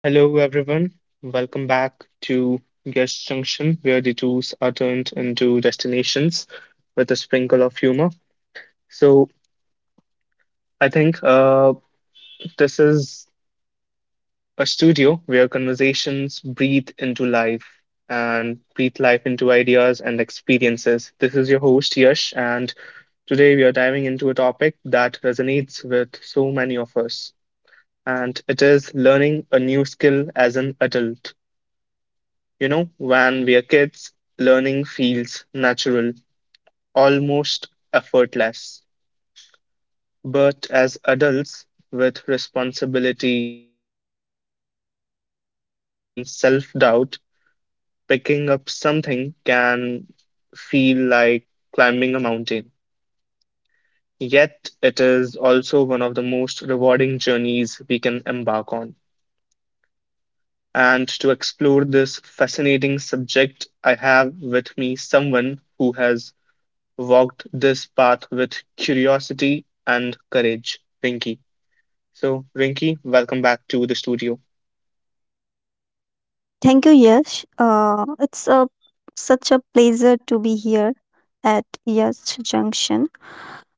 Hello, everyone. Welcome back to Guest Junction, where the tours are turned into destinations with a sprinkle of humor. So, I think this is a studio where conversations breathe into life and breathe life into ideas and experiences. This is your host, Yash, and today we are diving into a topic that resonates with so many of us, and it is learning a new skill as an adult. When we are kids, learning feels natural, almost effortless. But as adults, with responsibilities, routines, and sometimes even self doubt, picking up something can feel like climbing a mountain. Yet, it is also one of the most rewarding journeys we can embark on. And to explore this fascinating subject, I have with me someone who has walked this path with curiosity and courage, Rinki. So, Rinki, welcome back to the studio. Thank you, Yash. It's a such a pleasure to be here at Yash Junction.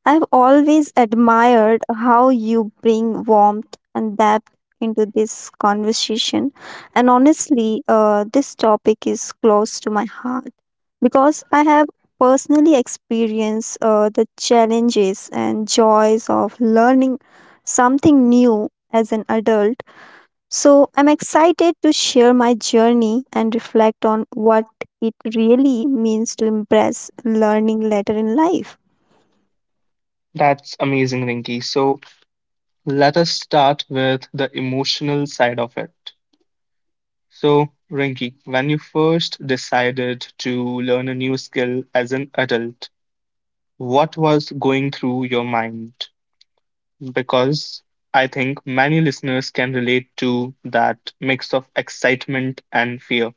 I've always admired how you bring warmth and depth into this conversation, and honestly, this topic is close to my heart because I have personally experienced the challenges and joys of learning something new as an adult, so I'm excited to share my journey and reflect on what it really means to embrace learning later in life. That's amazing, Rinki. So, let us start with the emotional side of it. So, Rinki, when you first decided to learn a new skill as an adult, what was going through your mind? Because I think many listeners can relate to that mix of excitement and fear.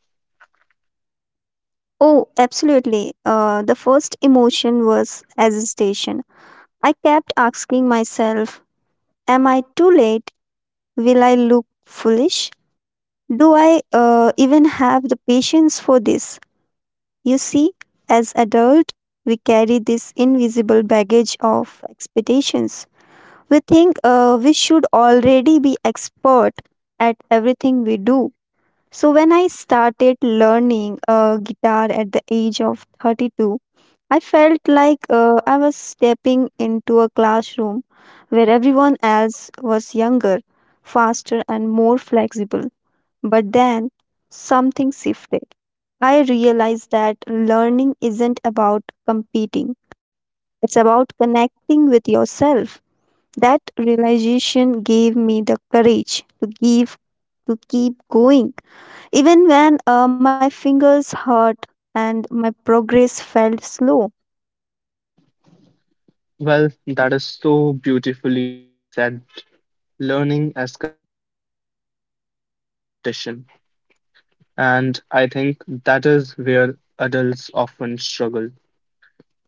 Oh, absolutely. The first emotion was hesitation. I kept asking myself, am I too late? Will I look foolish? Do I even have the patience for this? You see, as adults, we carry this invisible baggage of expectations. We think we should already be expert at everything we do. So when I started learning guitar at the age of 32, I felt like I was stepping into a classroom where everyone else was younger, faster, and more flexible. But then something shifted. I realized that learning isn't about competing, it's about connecting with yourself. That realization gave me the courage to give to keep going even when my fingers hurt and my progress felt slow. Well, that is so beautifully said. Learning as connection rather than competition. And I think that is where adults often struggle.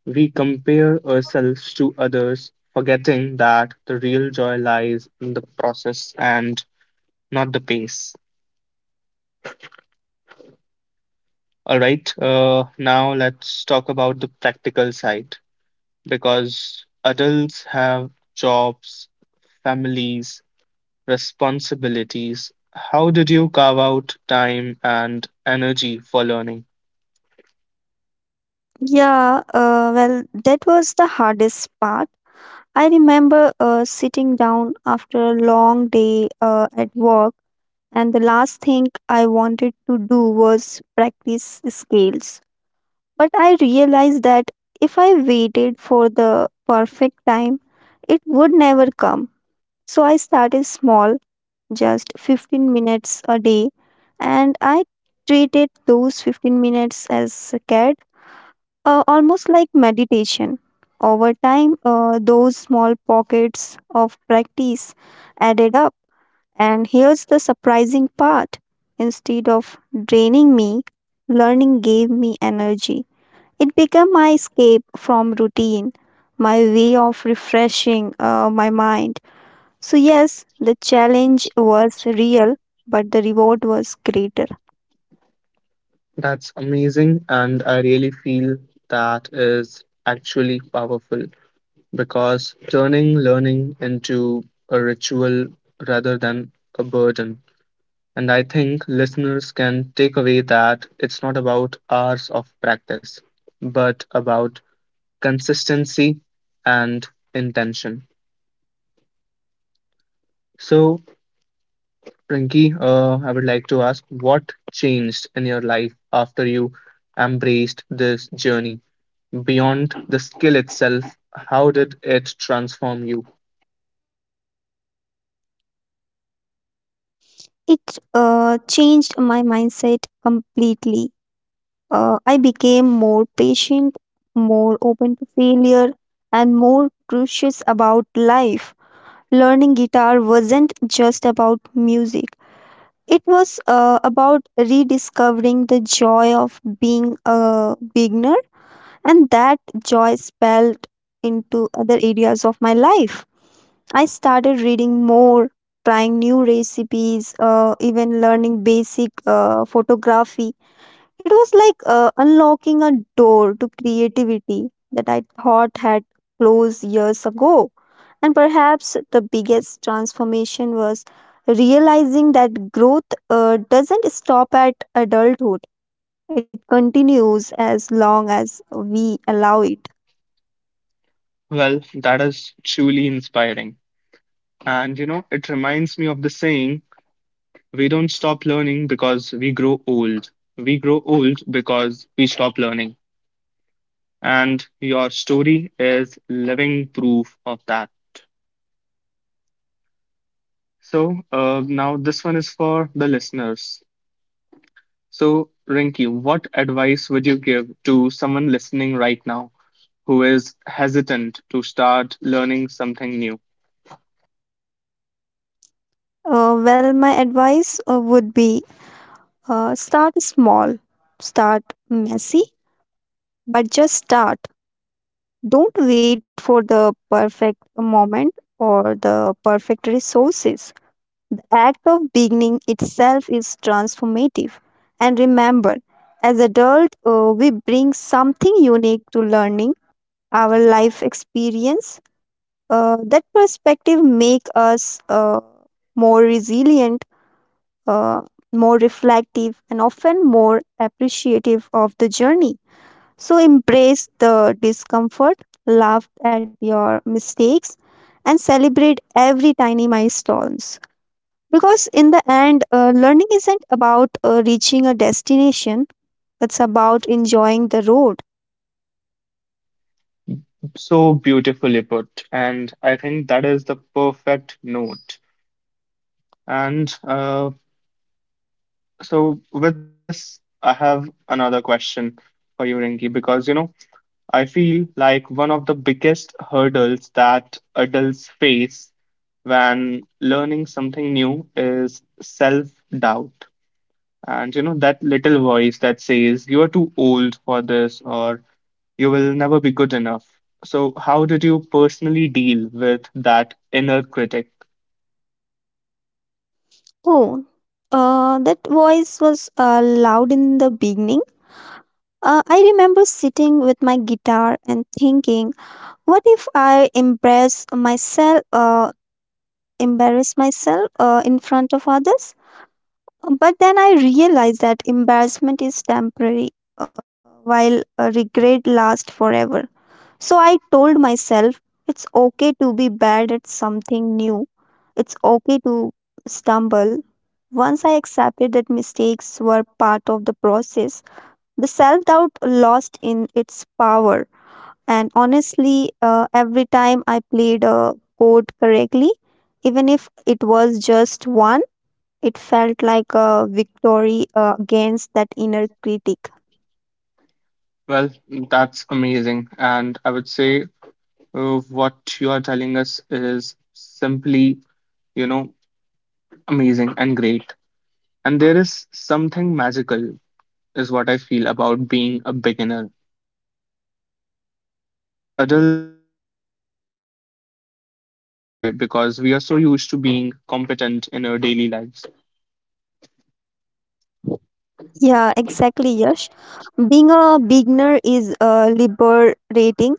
We compare ourselves to others, forgetting that the real joy lies in the process and not the pace. All right, now let's talk about the practical side because adults have jobs, families, responsibilities. How did you carve out time and energy for learning? That was the hardest part. I remember sitting down after a long day at work, and the last thing I wanted to do was practice scales. But I realized that if I waited for the perfect time, it would never come. So I started small, just 15 minutes a day, and I treated those 15 minutes as a cat, almost like meditation. Over time, those small pockets of practice added up, and here's the surprising part: instead of draining me, learning gave me energy. It became my escape from routine, my way of refreshing my mind. So, yes, the challenge was real, but the reward was greater. That's amazing, and I really feel that is actually powerful because turning learning into a ritual rather than a burden. And I think listeners can take away that it's not about hours of practice, but about consistency and intention. So, Rinky, I would like to ask what changed in your life after you embraced this journey? Beyond the skill itself, how did it transform you? It changed my mindset completely. I became more patient, more open to failure, and more curious about life. Learning guitar wasn't just about music, it was about rediscovering the joy of being a beginner, and that joy spilled into other areas of my life. I started reading more, trying new recipes, even learning basic photography. It was like unlocking a door to creativity that I thought had closed years ago. And perhaps the biggest transformation was realizing that growth doesn't stop at adulthood, it continues as long as we allow it. Well, that is truly inspiring. And it reminds me of the saying, we don't stop learning because we grow old. We grow old because we stop learning. And your story is living proof of that. So, now this one is for the listeners. So, Rinki, what advice would you give to someone listening right now who is hesitant to start learning something new? My advice would be start small, start messy, but just start. Don't wait for the perfect moment or the perfect resources. The act of beginning itself is transformative. And remember, as adults, we bring something unique to learning, our life experience. That perspective make us more resilient, uh, more reflective, and often more appreciative of the journey. So embrace the discomfort, laugh at your mistakes, and celebrate every tiny milestones. Because in the end, learning isn't about reaching a destination, it's about enjoying the road. So beautifully put. And I think that is the perfect note. And so, with this, I have another question for you, Rinki, because I feel like one of the biggest hurdles that adults face when learning something new is self doubt. And that little voice that says, you are too old for this, or you will never be good enough. So, how did you personally deal with that inner critic? Oh, that voice was loud in the beginning. I remember sitting with my guitar and thinking, what if I embarrass myself in front of others? But then I realize that embarrassment is temporary, while regret lasts forever. So I told myself it's okay to be bad at something new. It's okay to stumble. Once I accepted that mistakes were part of the process, the self doubt lost in its power. And honestly, every time I played a chord correctly, even if it was just one, it felt like a victory against that inner critic. Well, that's amazing. And I would say what you are telling us is simply, you know, amazing and great. And there is something magical, is what I feel about being a beginner, isn't there? Because adults often forget that joy because we are so used to being competent in our daily lives. Yeah, exactly, Yash. Being a beginner is liberating.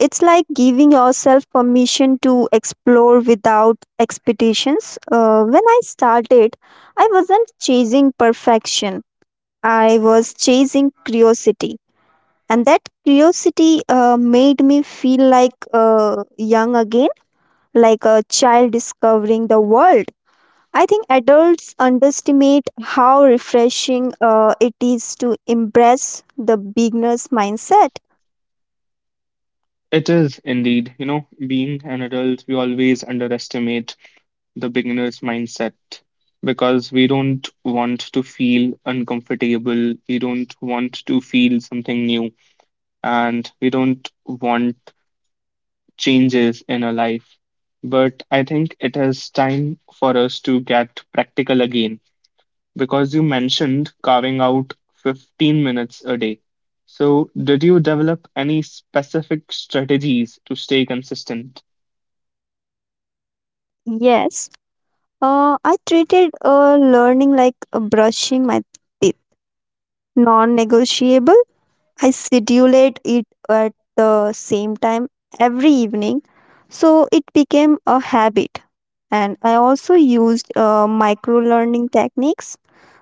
It's like giving yourself permission to explore without expectations. When I started, I wasn't chasing perfection, I was chasing curiosity. And that curiosity made me feel like young again, like a child discovering the world. I think adults underestimate how refreshing it is to embrace the beginner's mindset. It is indeed, being an adult, we always underestimate the beginner's mindset because we don't want to feel uncomfortable, we don't want to feel something new, and we don't want changes in our life. But I think it is time for us to get practical again because you mentioned carving out 15 minutes a day. So, did you develop any specific strategies to stay consistent? Yes, I treated learning like brushing my teeth, non-negotiable. I schedule it at the same time every evening, so it became a habit. And I also used micro learning techniques.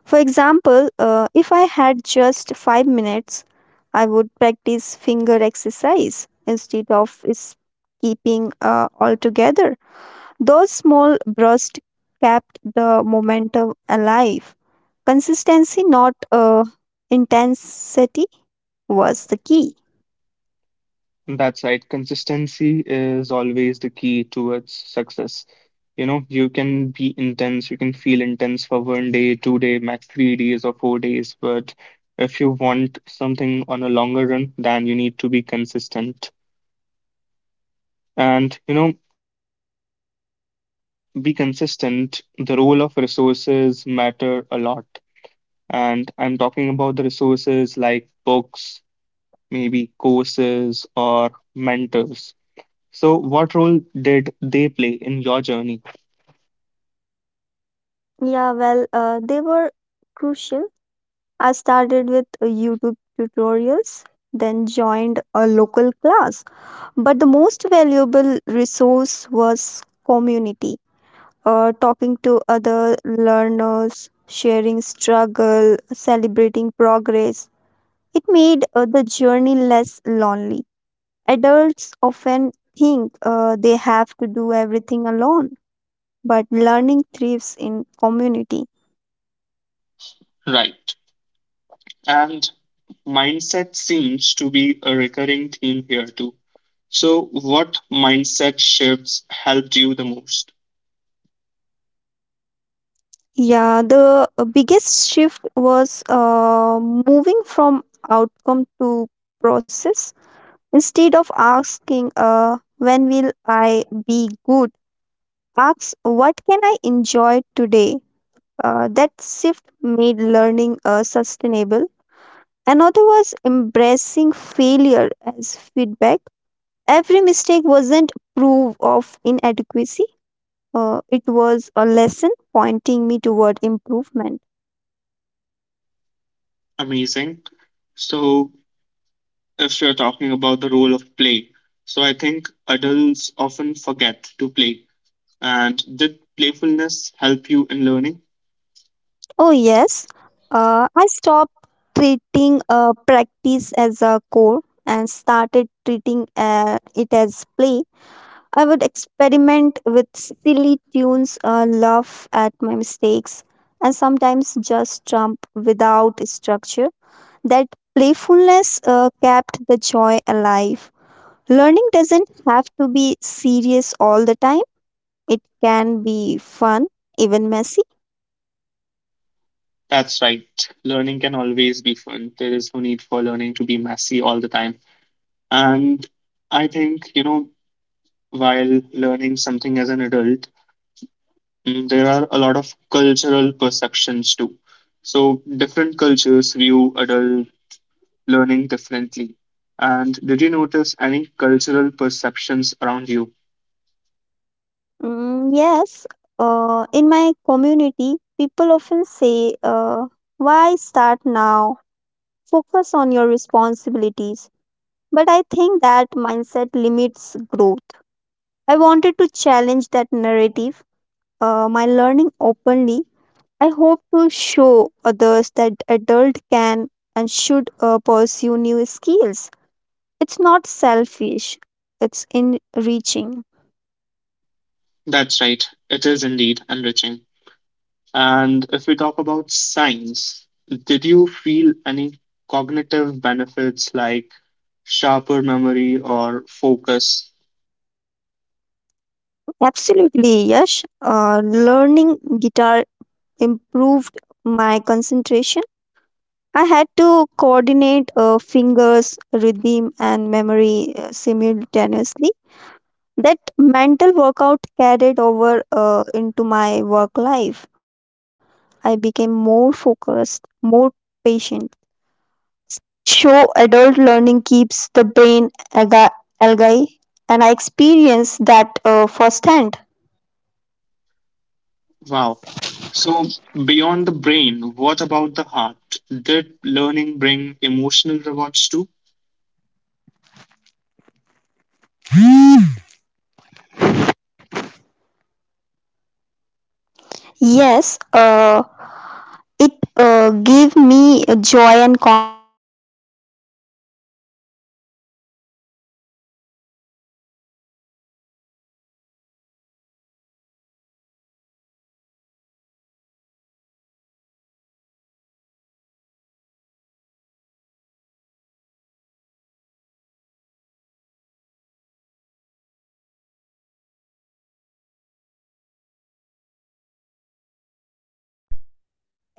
For example, if I had just 5 minutes, I would practice finger exercise instead of keeping altogether. Those small bursts kept the momentum alive. Consistency, not intensity, was the key. That's right. Consistency is always the key towards success. You know, you can be intense, you can feel intense for one day, 2 day, max 3 days or 4 days, but if you want something on a longer run, then you need to be consistent. And, I think in order to be consistent, the role of resources matter a lot. And I'm talking about the resources like books, maybe courses or mentors. So what role did they play in your journey? They were crucial. I started with YouTube tutorials, then joined a local class. But the most valuable resource was community. Talking to other learners, sharing struggle, celebrating progress, it made the journey less lonely. Adults often think they have to do everything alone, but learning thrives in community. Right. And mindset seems to be a recurring theme here too. So what mindset shifts helped you the most? Yeah, the biggest shift was moving from outcome to process. Instead of asking, when will I be good, ask, what can I enjoy today? That shift made learning sustainable. Another was embracing failure as feedback. Every mistake wasn't proof of inadequacy. It was a lesson pointing me toward improvement. Amazing. So if you're talking about the role of play. So I think adults often forget to play. And did playfulness help you in learning? Oh yes, I stopped treating practice as a core and started treating it as play. I would experiment with silly tunes, laugh at my mistakes, and sometimes just jump without structure. That playfulness kept the joy alive. Learning doesn't have to be serious all the time, it can be fun, even messy. That's right. Learning can always be fun. There is no need for learning to be messy all the time. And I think, while learning something as an adult, there are a lot of cultural perceptions too. So different cultures view adult learning differently. And did you notice any cultural perceptions around you? Mm, yes, in my community, people often say, why start now? Focus on your responsibilities. But I think that mindset limits growth. I wanted to challenge that narrative. My learning openly, I hope to show others that adult can and should pursue new skills. It's not selfish. It's enriching. That's right. It is indeed enriching. And if we talk about science, did you feel any cognitive benefits like sharper memory or focus? Absolutely, Yash. Learning guitar improved my concentration. I had to coordinate fingers, rhythm, and memory simultaneously. That mental workout carried over into my work life. I became more focused, more patient. Wow. So, beyond the brain, what about the heart? Did learning bring emotional rewards too?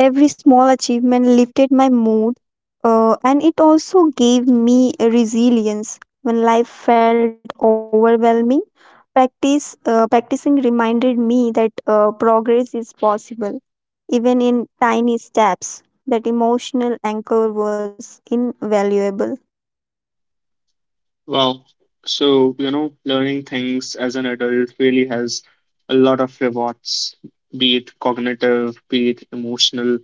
Every small achievement lifted my mood, and it also gave me a resilience when life felt overwhelming. Practicing reminded me that progress is possible, even in tiny steps. That emotional anchor was invaluable. Wow. So, learning things as an adult really has a lot of rewards, be it cognitive, be it emotional,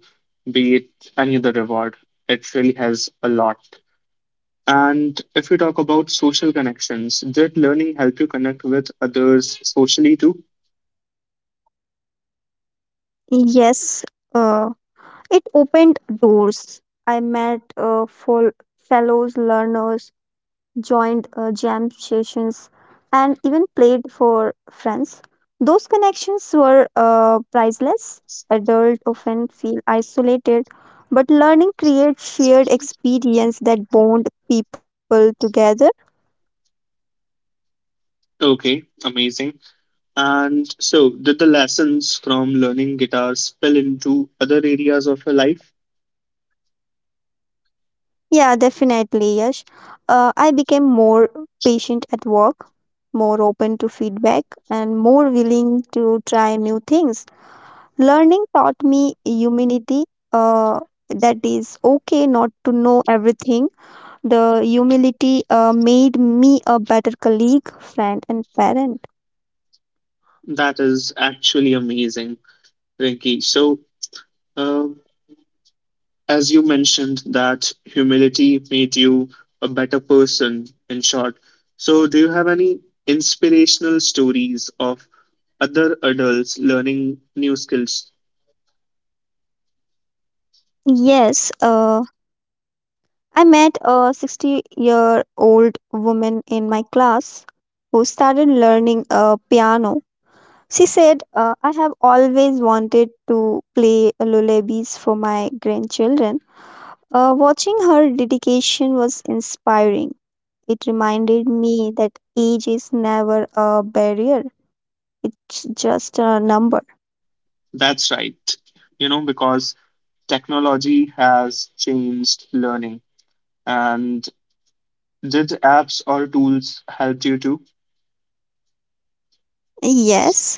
be it any other reward. It really has a lot. And if we talk about social connections, did learning help you connect with others socially too? Yes, uh, it opened doors. I met full fellows learners, joined jam sessions, and even played for friends. Those connections were priceless. Adults often feel isolated, but learning creates shared experience that bond people together. Okay, amazing. And so, did the lessons from learning guitar spill into other areas of your life? Yeah, definitely, Yash. I became more patient at work, more open to feedback, and more willing to try new things. Learning taught me humility, uh, that is okay not to know everything. The humility made me a better colleague, friend, and parent. That is actually amazing, Rinki. So, uh, as you mentioned that humility made you a better person in short, so do you have any inspirational stories of other adults learning new skills? Yes, I met a 60-year-old woman in my class who started learning piano. She said, I have always wanted to play lullabies for my grandchildren. Watching her dedication was inspiring. It reminded me that age is never a barrier, it's just a number. That's right. Because technology has changed learning, and did apps or tools help you too? Yes,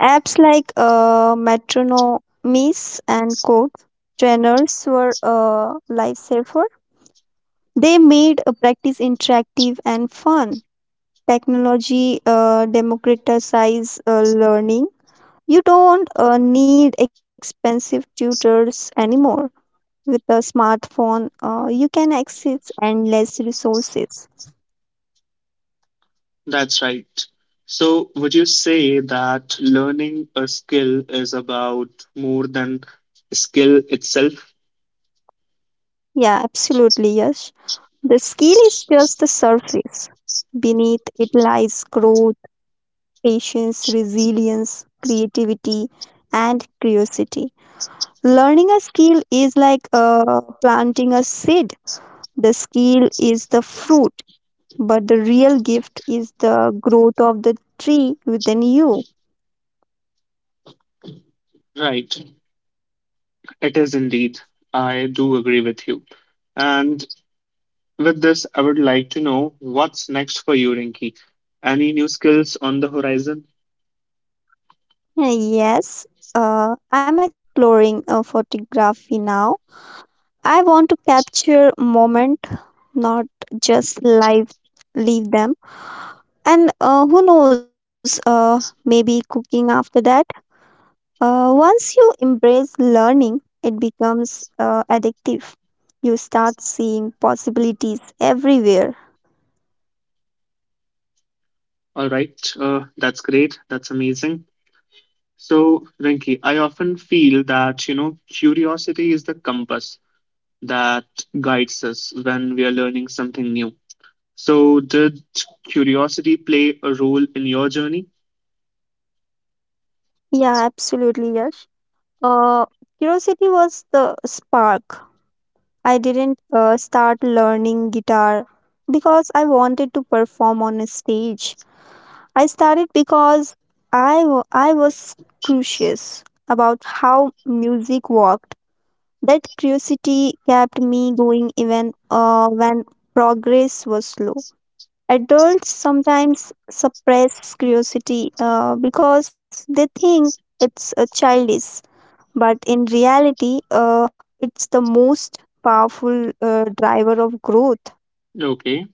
apps like Metronomies and Code Trainers were a lifesaver. They made a practice interactive and fun. Technology democratizes learning. You don't need expensive tutors anymore. With a smartphone, you can access endless resources. That's right. So would you say that learning a skill is about more than skill itself? Yeah, absolutely, Yash. The skill is just the surface. Beneath it lies growth, patience, resilience, creativity, and curiosity. Learning a skill is like planting a seed. The skill is the fruit, but the real gift is the growth of the tree within you. Right. It is indeed. I do agree with you. And with this, I would like to know what's next for you, Rinki. Any new skills on the horizon? Yes, I'm exploring photography now. I want to capture moment, not just live leave them. And who knows, maybe cooking after that. Once you embrace learning, it becomes addictive. You start seeing possibilities everywhere. All right, that's great. That's amazing. So, Rinki, I often feel that, curiosity is the compass that guides us when we are learning something new. So, did curiosity play a role in your journey? Yeah, absolutely, Yash. Uh, curiosity was the spark. I didn't start learning guitar because I wanted to perform on a stage. I started because I was curious about how music worked. That curiosity kept me going even when progress was slow. Adults sometimes suppress curiosity because they think it's childish, but in reality, it's the most powerful driver of growth. Okay.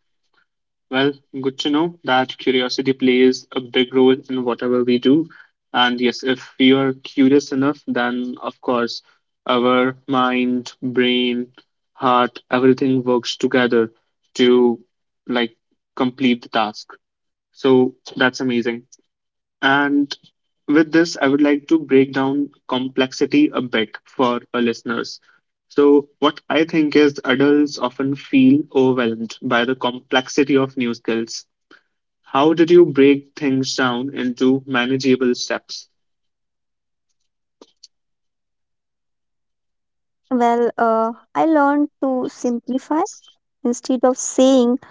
Well, good to know that curiosity plays a big role in whatever we do. And yes, if we are curious enough, then of course our mind, brain, heart, everything works together to like complete the task. So that's amazing. And with this, I would like to break down complexity a bit for our listeners. So, what I think is adults often feel overwhelmed by the complexity of new skills. How did you break things down into manageable steps? Well, I learned to simplify, instead of saying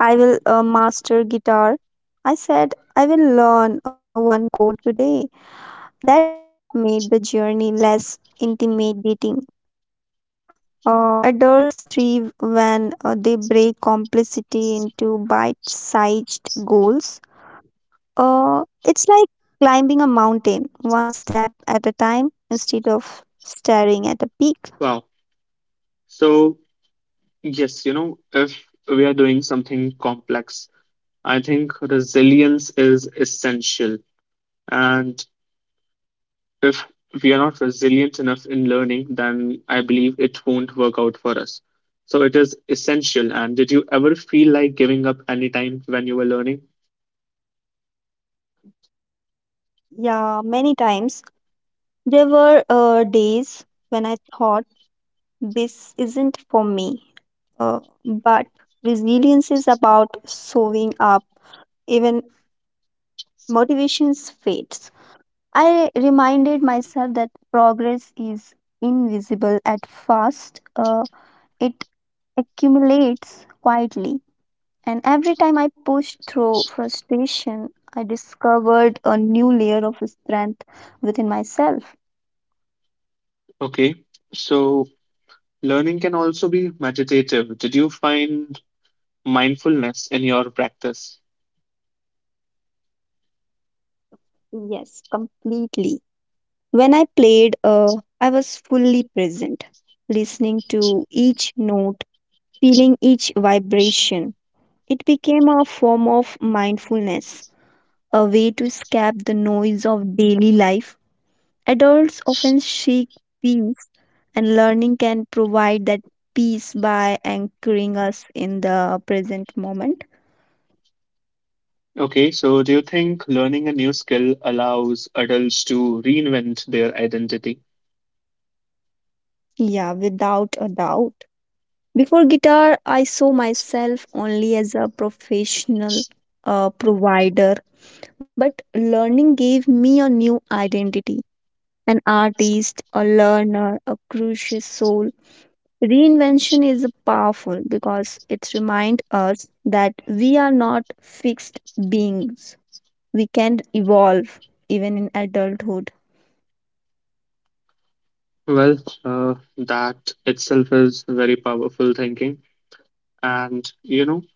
I will master guitar. I said, I will learn one chord today. That small step made the journey less intimidating. Adults thrive when they break complexity into bite sized goals. It's like climbing a mountain, one step at a time, instead of staring at a peak. Wow. So, yes, if we are doing something complex, I think resilience is essential. And if we are not resilient enough in learning, then I believe it won't work out for us. So, it is essential. And did you ever feel like giving up any time when you were learning? Yeah, many times. There were days when I thought this isn't for me. But resilience is about showing up even motivations fades. I reminded myself that progress is invisible at first. It accumulates quietly. And every time I pushed through frustration, I discovered a new layer of strength within myself. Okay. So, learning can also be meditative. Did you find mindfulness in your practice? Yes, completely. When I played, I was fully present, listening to each note, feeling each vibration. It became a form of mindfulness, a way to escape the noise of daily life. Adults often seek peace, and learning can provide that peace by anchoring us in the present moment. Okay, so do you think learning a new skill allows adults to reinvent their identity? Yeah, without a doubt. Before guitar, I saw myself only as a professional, provider. But learning gave me a new identity, an artist, a learner, a curious soul. Reinvention is powerful because it reminds us that we are not fixed beings. We can evolve even in adulthood. Well, that itself is very powerful thinking. And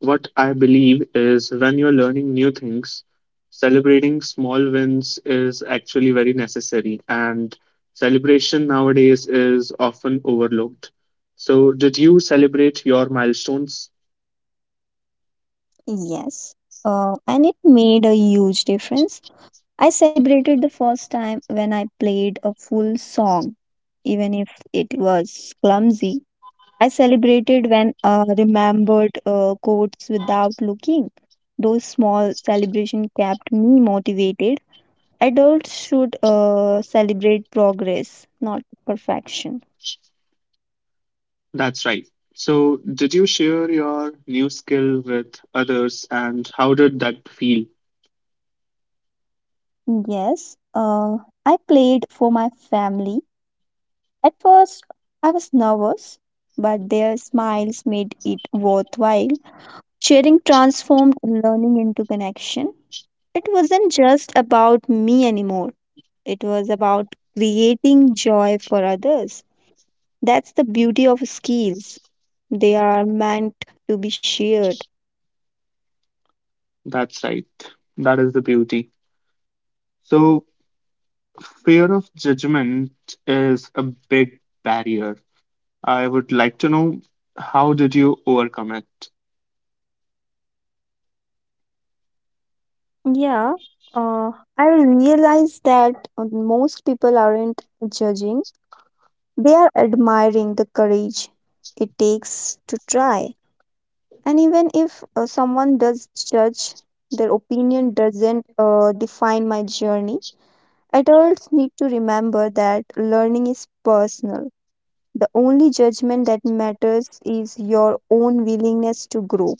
what I believe is when you're learning new things, celebrating small wins is actually very necessary. And celebration nowadays is often overlooked. So, did you celebrate your milestones? Yes. And it made a huge difference. I celebrated the first time when I played a full song, even if it was clumsy. I celebrated when I remembered quotes without looking. Those small celebrations kept me motivated. Adults should celebrate progress, not perfection. That's right. So, did you share your new skill with others and how did that feel? Yes, I played for my family. At first, I was nervous, but their smiles made it worthwhile. Sharing transformed learning into connection. It wasn't just about me anymore. It was about creating joy for others. That's the beauty of skills. They are meant to be shared. That's right. That is the beauty. So, fear of judgment is a big barrier. I would like to know how did you overcome it? Yeah, uh, I realize that most people aren't judging, they are admiring the courage it takes to try. And even if someone does judge, their opinion doesn't define my journey. Adults need to remember that learning is personal. The only judgment that matters is your own willingness to grow.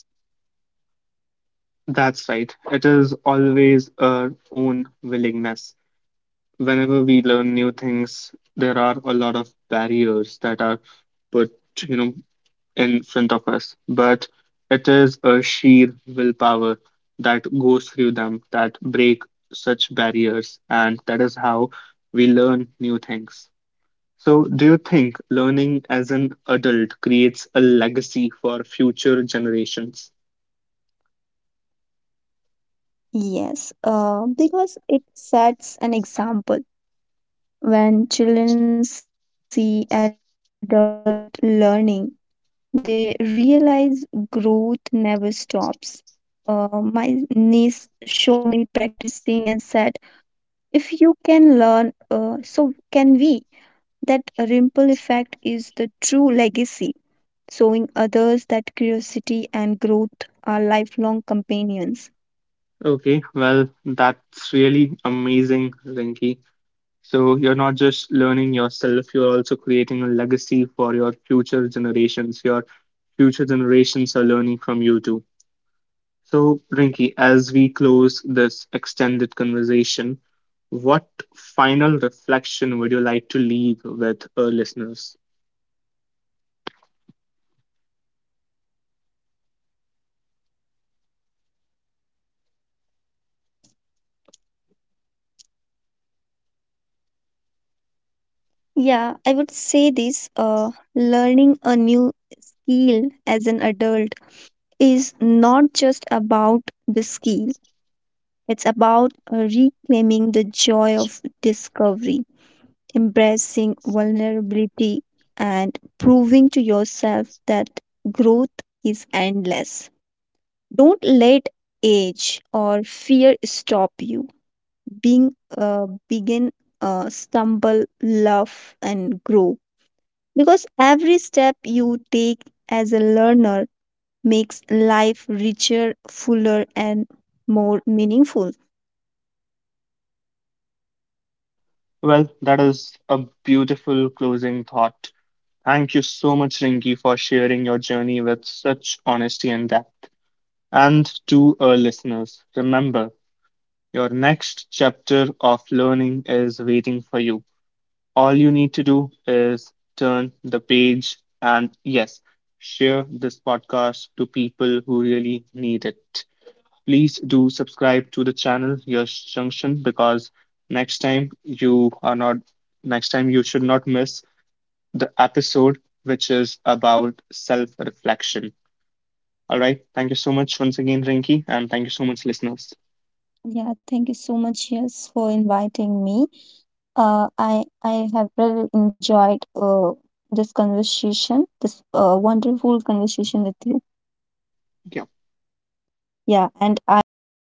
That's right. It is always our own willingness. Whenever we learn new things, there are a lot of barriers that are put, you know, in front of us, but it is a sheer willpower that goes through them that break such barriers, and that is how we learn new things. So, do you think learning as an adult creates a legacy for future generations? Yes, because it sets an example. When children see adult learning, they realize growth never stops. My niece showed me practicing and said, "If you can learn, so can we." That ripple effect is the true legacy, showing others that curiosity and growth are lifelong companions. Okay, well, that's really amazing, Rinki. So you're not just learning yourself, you're also creating a legacy for your future generations. Your future generations are learning from you too. So, Rinki, as we close this extended conversation, what final reflection would you like to leave with our listeners? Yeah, I would say this: learning a new skill as an adult is not just about the skill, it's about reclaiming the joy of discovery, embracing vulnerability, and proving to yourself that growth is endless. Don't let age or fear stop you, being begin, stumble, laugh, and grow, because every step you take as a learner makes life richer, fuller, and more meaningful. Well, that is a beautiful closing thought. Thank you so much, Rinki, for sharing your journey with such honesty and depth. And to our listeners, remember your next chapter of learning is waiting for you. All you need to do is turn the page and, yes, share this podcast to people who really need it. Please do subscribe to the channel, Yash Junction, because next time you are not, next time you should not miss the episode which is about self reflection. All right. Thank you so much once again, Rinki, and thank you so much, listeners. Yeah, thank you so much, yes, for inviting me. Uh, I I have really enjoyed this conversation, this wonderful conversation with you. Yeah. Yeah, and I also